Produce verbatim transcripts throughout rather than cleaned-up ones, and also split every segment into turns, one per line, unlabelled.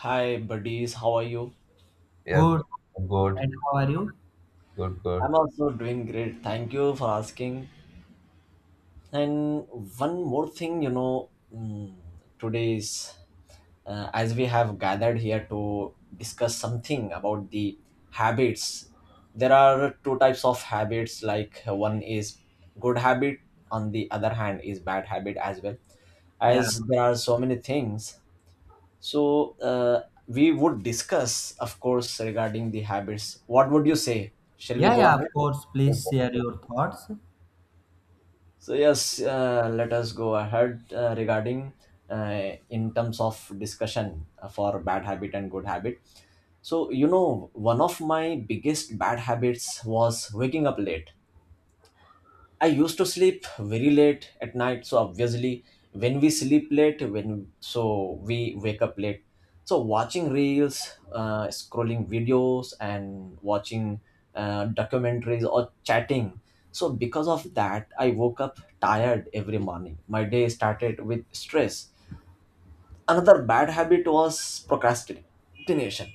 Hi, buddies. How are you?
Yeah,
Good.
good, good,
And how are you?
good, good.
I'm also doing great. Thank you for asking. And one more thing, you know, mm, today is uh, as we have gathered here to discuss something about the habits. There are two types of habits. Like uh, one is good habit, on the other hand is bad habit as well.
Yeah.
As there are so many things, so uh, we would discuss, of course, regarding the habits. What would you say? Shall we
Yeah,
go
yeah,
ahead?
of course.
Yes,
Please
sir.
share your thoughts.
So yes, uh, let us go ahead uh, regarding uh, in terms of discussion uh, for bad habit and good habit. So you know, one of my biggest bad habits was waking up late. I used to sleep very late at night, so obviously when we sleep late, when so we wake up late. So watching reels, uh, scrolling videos, and watching uh, documentaries or chatting. So because of that, I woke up tired every morning. My day started with stress. Another bad habit was procrastination.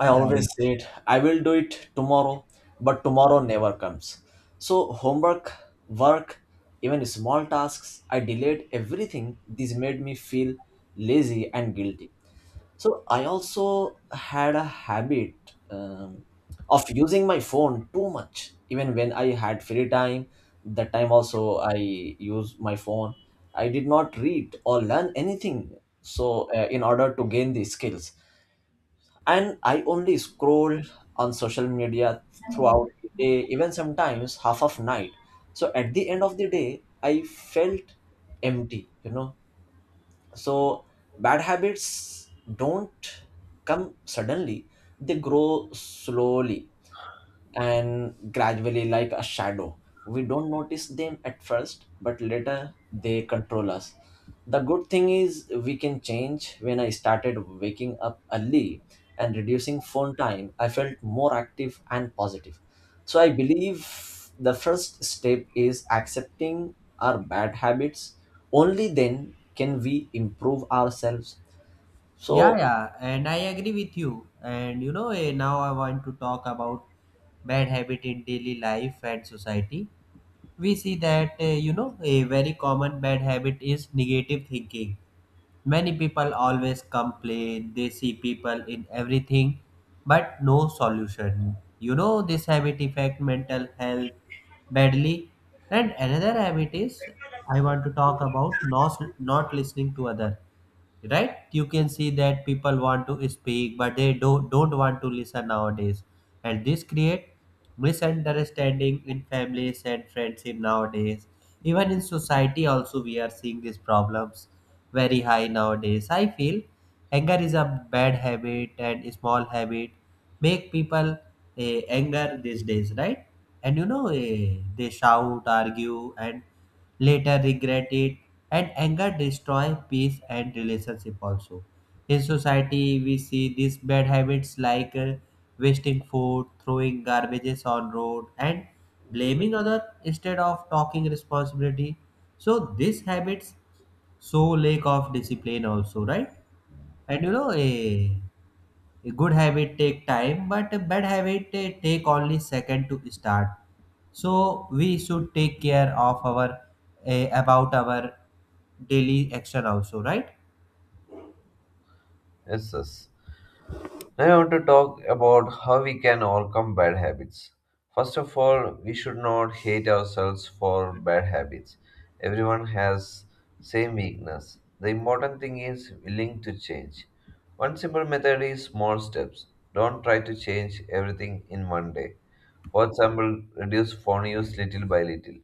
I
Yeah, yeah.
always said I will do it tomorrow, but tomorrow never comes. So, homework, work, even small tasks, I delayed everything. This made me feel lazy and guilty. So, I also had a habit um, of using my phone too much, even when I had free time. That time also, I used my phone. I did not read or learn anything. So, uh, in order to gain these skills, and I only scroll on social media throughout the day, even sometimes half of night. So at the end of the day I felt empty you know So bad habits don't come suddenly, they grow slowly and gradually like a shadow. We don't notice them at first, but later they control us. The good thing is we can change. When I started waking up early and reducing phone time, I felt more active and positive. So I believe the first step is accepting our bad habits. Only then can we improve ourselves.
Yeah,
So
yeah, and I agree with you. And you know, eh, now I want to talk about bad habit in daily life and society. We see that uh, you know, a very common bad habit is negative thinking. Many people always complain, they see people in everything but no solution. You know, this habit affect mental health badly. And another habit is, I want to talk about not not listening to other. Right, you can see that people want to speak but they don't don't want to listen nowadays. And this create misunderstanding in families and friendship nowadays. Even in society also we are seeing these problems very high nowadays. I feel anger is a bad habit, and small habit make people eh, anger these days, right? And you know, eh, they shout, argue, and later regret it. And anger destroy peace and relationship also. In society we see these bad habits like uh, wasting food, throwing garbages on road, and blaming other instead of talking responsibility. So these habits show lack of discipline also, right? And you know, eh, a good habit take time, but a bad habit eh, take only second to start. So we should take care of our eh, about our daily action also, right?
Yes, yes. Now, I want to talk about how we can overcome bad habits. First of all, we should not hate ourselves for bad habits. Everyone has same weakness. The important thing is willing to change. One simple method is small steps. Don't try to change everything in one day. For example, reduce phone use little by little.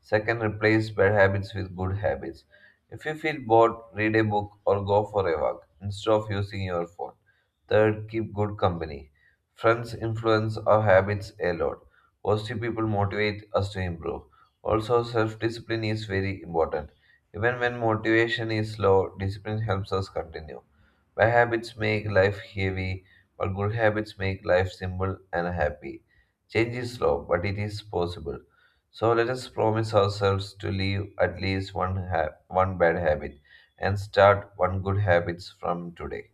Second, replace bad habits with good habits. If you feel bored, read a book or go for a walk instead of using your phone. Third, keep good company. Friends influence our habits a lot. Positive people motivate us to improve. Also, self discipline is very important. Even when motivation is low, discipline helps us continue. Bad habits make life heavy, but good habits make life simple and happy. Change is slow, but it is possible. So let us promise ourselves to leave at least one ha- one bad habit and start one good habits from today.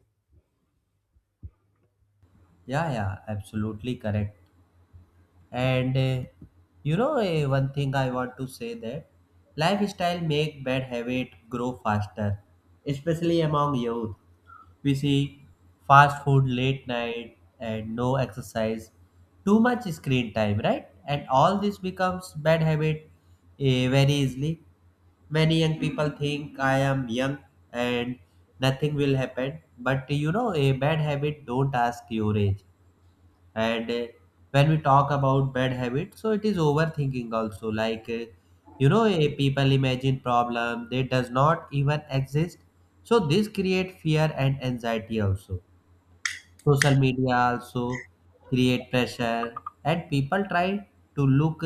Yeah, yeah, absolutely correct. And uh, you know, uh, one thing I want to say that lifestyle make bad habit grow faster, especially among youth. We see fast food, late night, and no exercise, too much screen time, right? And all this becomes bad habit eh, very easily. Many young people think I am young and nothing will happen, but you know, a bad habit don't ask your age. And uh, when we talk about bad habits, so it is overthinking also, like uh, you know, eh, people imagine problem they does not even exist. So this create fear and anxiety also. Social media also create pressure, and people try to look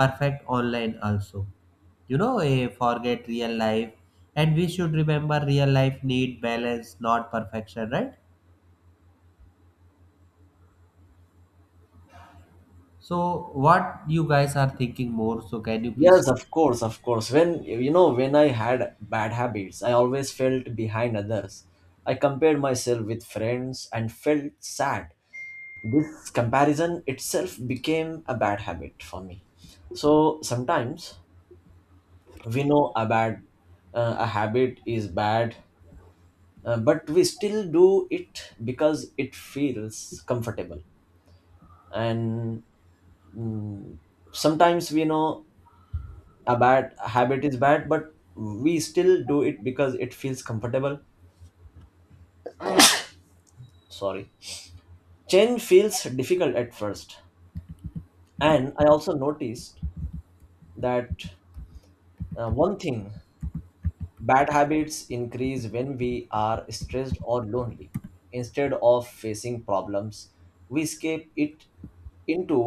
perfect online also, you know, eh, forget real life. And we should remember real life need balance, not perfection, right? So what you guys are thinking more, so can you please?
yes, of course, of course. When you know, when I had bad habits, I always felt behind others. I compared myself with friends and felt sad. This comparison itself became a bad habit for me. So sometimes we know a bad uh, a habit is bad, uh, but we still do it because it feels comfortable. And mm, sometimes we know a bad habit is bad but we still do it because it feels comfortable. Sorry, change feels difficult at first. And I also noticed that, uh, one thing, bad habits increase when we are stressed or lonely. Instead of facing problems, we escape it into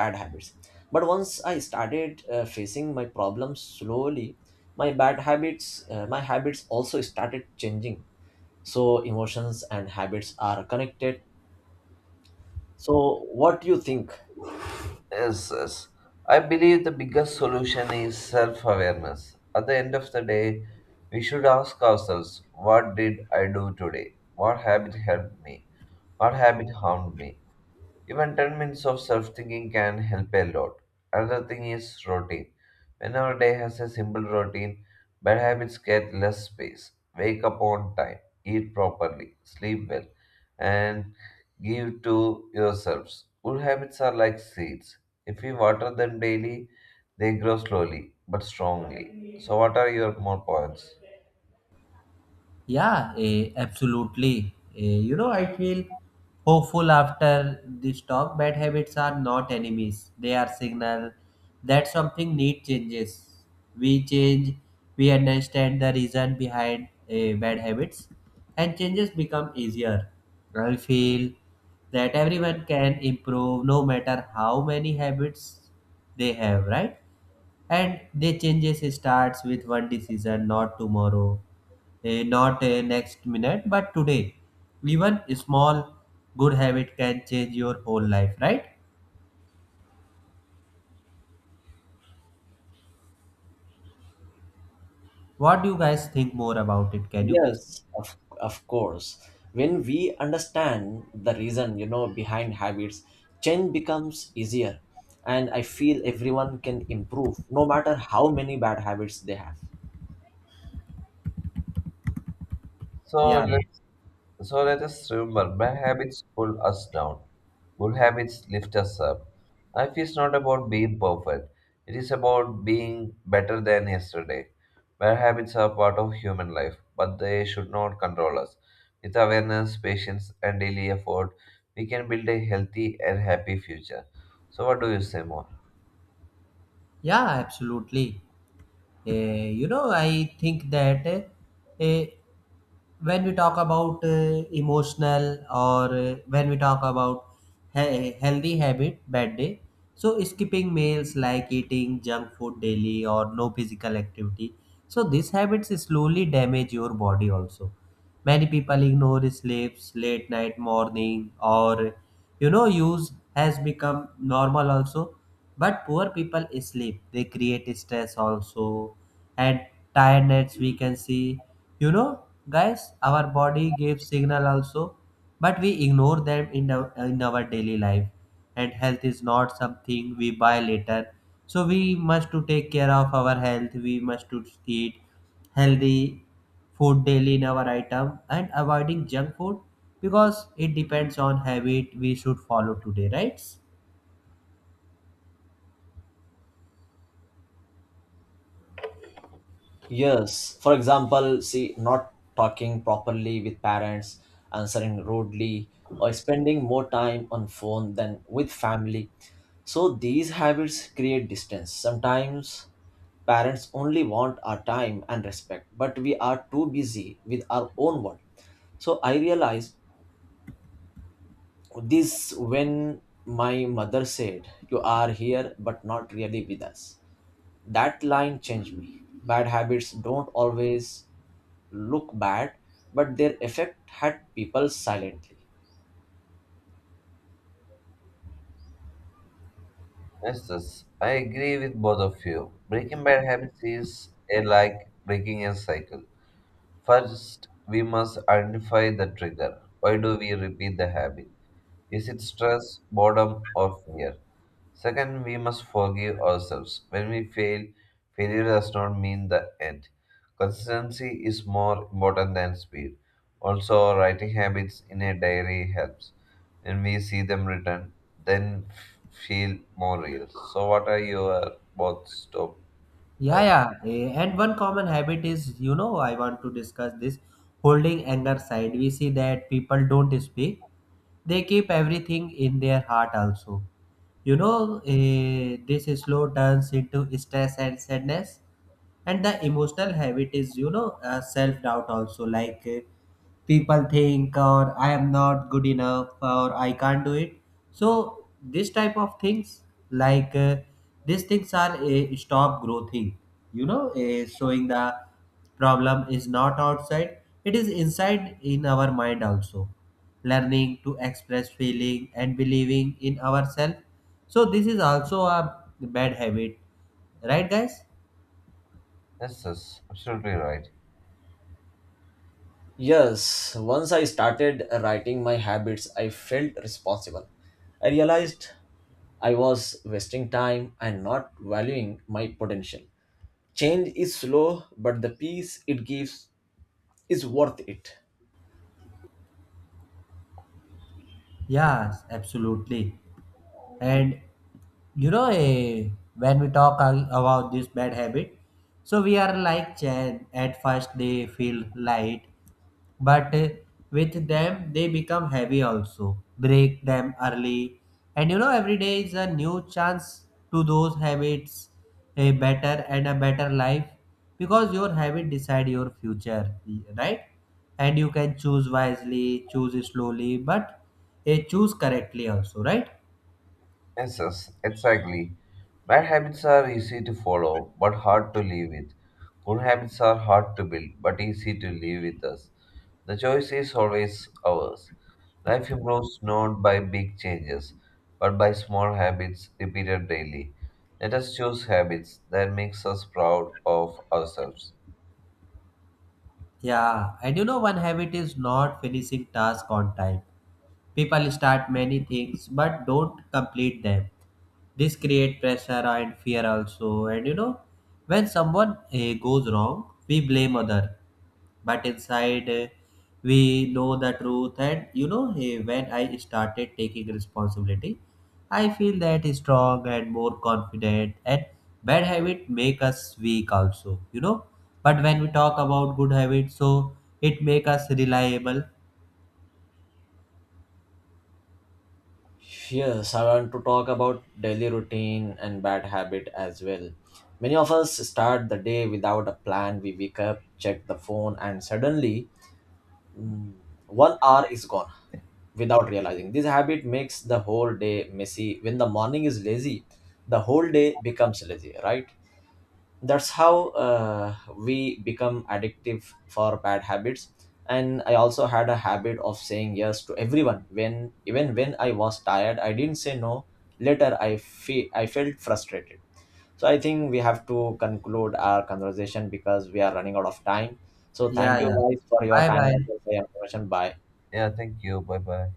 bad habits. But once I started uh, facing my problems slowly, my bad habits uh, my habits also started changing. So emotions and habits are connected. So what do you think?
Yes, yes. I believe the biggest solution is self awareness. At the end of the day, we should ask ourselves, what did I do today? What habit helped me? What habit harmed me? Even ten minutes of self thinking can help a lot. Another thing is routine. When our day has a simple routine, bad habits get less space. Wake up on time, eat properly, sleep well, and give to yourselves. Good habits are like seeds. If we water them daily, they grow slowly but strongly. So, what are your more points?
Yeah, eh, absolutely. Eh, you know, I feel hopeful after this talk. Bad habits are not enemies; they are signal that something need changes. We change, we understand the reason behind eh, bad habits, and changes become easier. I feel that everyone can improve, no matter how many habits they have, right? And they changes starts with one decision, not tomorrow, eh, not eh, next minute, but today. Even a small good habit can change your whole life, right? What do you guys think more about it? Can you please?
Yes, of, of course, when we understand the reason, you know behind habits, change becomes easier. And I feel everyone can improve no matter how many bad habits they have.
So,
Yeah,
So let us remember, bad habits pull us down, good habits lift us up. Life is not about being perfect, it is about being better than yesterday. Bad habits are part of human life, but they should not control us. With awareness, patience, and daily effort, we can build a healthy and happy future. So, what do you say more?
yeah, absolutely. Eh, you know, I think that eh, eh, when we talk about uh, emotional, or uh, when we talk about he- healthy habit bad day, so skipping meals like eating junk food daily or no physical activity. So these habits slowly damage your body also. Many people ignore sleeps late night morning, or you know, use has become normal also. But poor people sleep, they create stress also, and tiredness we can see. You know, guys, our body gives signal also, but we ignore them in our, in our daily life. And health is not something we buy later. So we must to take care of our health, we must to eat healthy food daily in our item and avoiding junk food, because it depends on habit we should follow today, right?
Yes, for example, see, not talking properly with parents, answering rudely, or spending more time on phone than with family. So these habits create distance. Sometimes parents only want our time and respect, but we are too busy with our own world. So I realized this when my mother said, "You are here, but not really with us." That line changed me. Bad habits don't always look bad, but their effect had people silently.
Yes, yes, I agree with both of you. Breaking bad habits is a like breaking a cycle. First, we must identify the trigger. Why do we repeat the habit? Is it stress, boredom, or fear? Second, we must forgive ourselves. When we fail, failure does not mean the end. Consistency is more important than speed. Also, writing habits in a diary helps. When we see them written, then f- feel more real. So, what are your both stop
Yeah,
talk?
yeah. eh, And one common habit is, you know, I want to discuss this holding anger side. We see that people don't speak, they keep everything in their heart also. You know, eh, this slow turns into stress and sadness. And the emotional habit is, you know, uh, self doubt also. Like, eh, people think or I am not good enough or I can't do it. So this type of things, like uh, these things are a stop growing, you know, a showing the problem is not outside, it is inside in our mind also. Learning to express feeling and believing in ourselves, so this is also a bad habit, right, guys?
Yes, yes, absolutely right.
Yes, once I started writing my habits, I felt responsible. I realized I was wasting time and not valuing my potential. Change is slow, but the peace it gives is worth it.
Yes, absolutely. And you know, eh, when we talk a- about this bad habit, so we are like Chan. At first, they feel light, but eh, with them, they become heavy also. Break them early. And you know, every day is a new chance to those habits, a better and a better life, because your habit decide your future, right? And you can choose wisely, choose slowly, but eh, choose correctly also, right?
Yes, yes, exactly. Bad habits are easy to follow, but hard to live with. Good habits are hard to build, but easy to live with us. The choice is always ours. Life improves not by big changes, but by small habits repeated daily. Let us choose habits that makes us proud of ourselves.
Yeah, and you know, one habit is not finishing task on time. People start many things but don't complete them. This create pressure and fear also. And you know, when someone eh, goes wrong, we blame other, but inside uh, we know the truth. And you know, hey, when I started taking responsibility, I feel that is strong and more confident. And bad habit make us weak also, you know. But when we talk about good habits, so it make us reliable.
Yes, I want to talk about daily routine and bad habit as well. Many of us start the day without a plan. We wake up, check the phone, and suddenly, mm, one hour is gone without realizing. This habit makes the whole day messy. When the morning is lazy, the whole day becomes lazy, right? That's how uh, we become addictive for bad habits. And I also had a habit of saying yes to everyone. When even when I was tired, I didn't say no. Later, I fe- I felt frustrated. So I think we have to conclude our conversation because we are running out of time. So
Yeah,
thank you
yeah.
guys for your
Bye
time and
bye.
your information. Bye.
Yeah, thank you. Bye bye.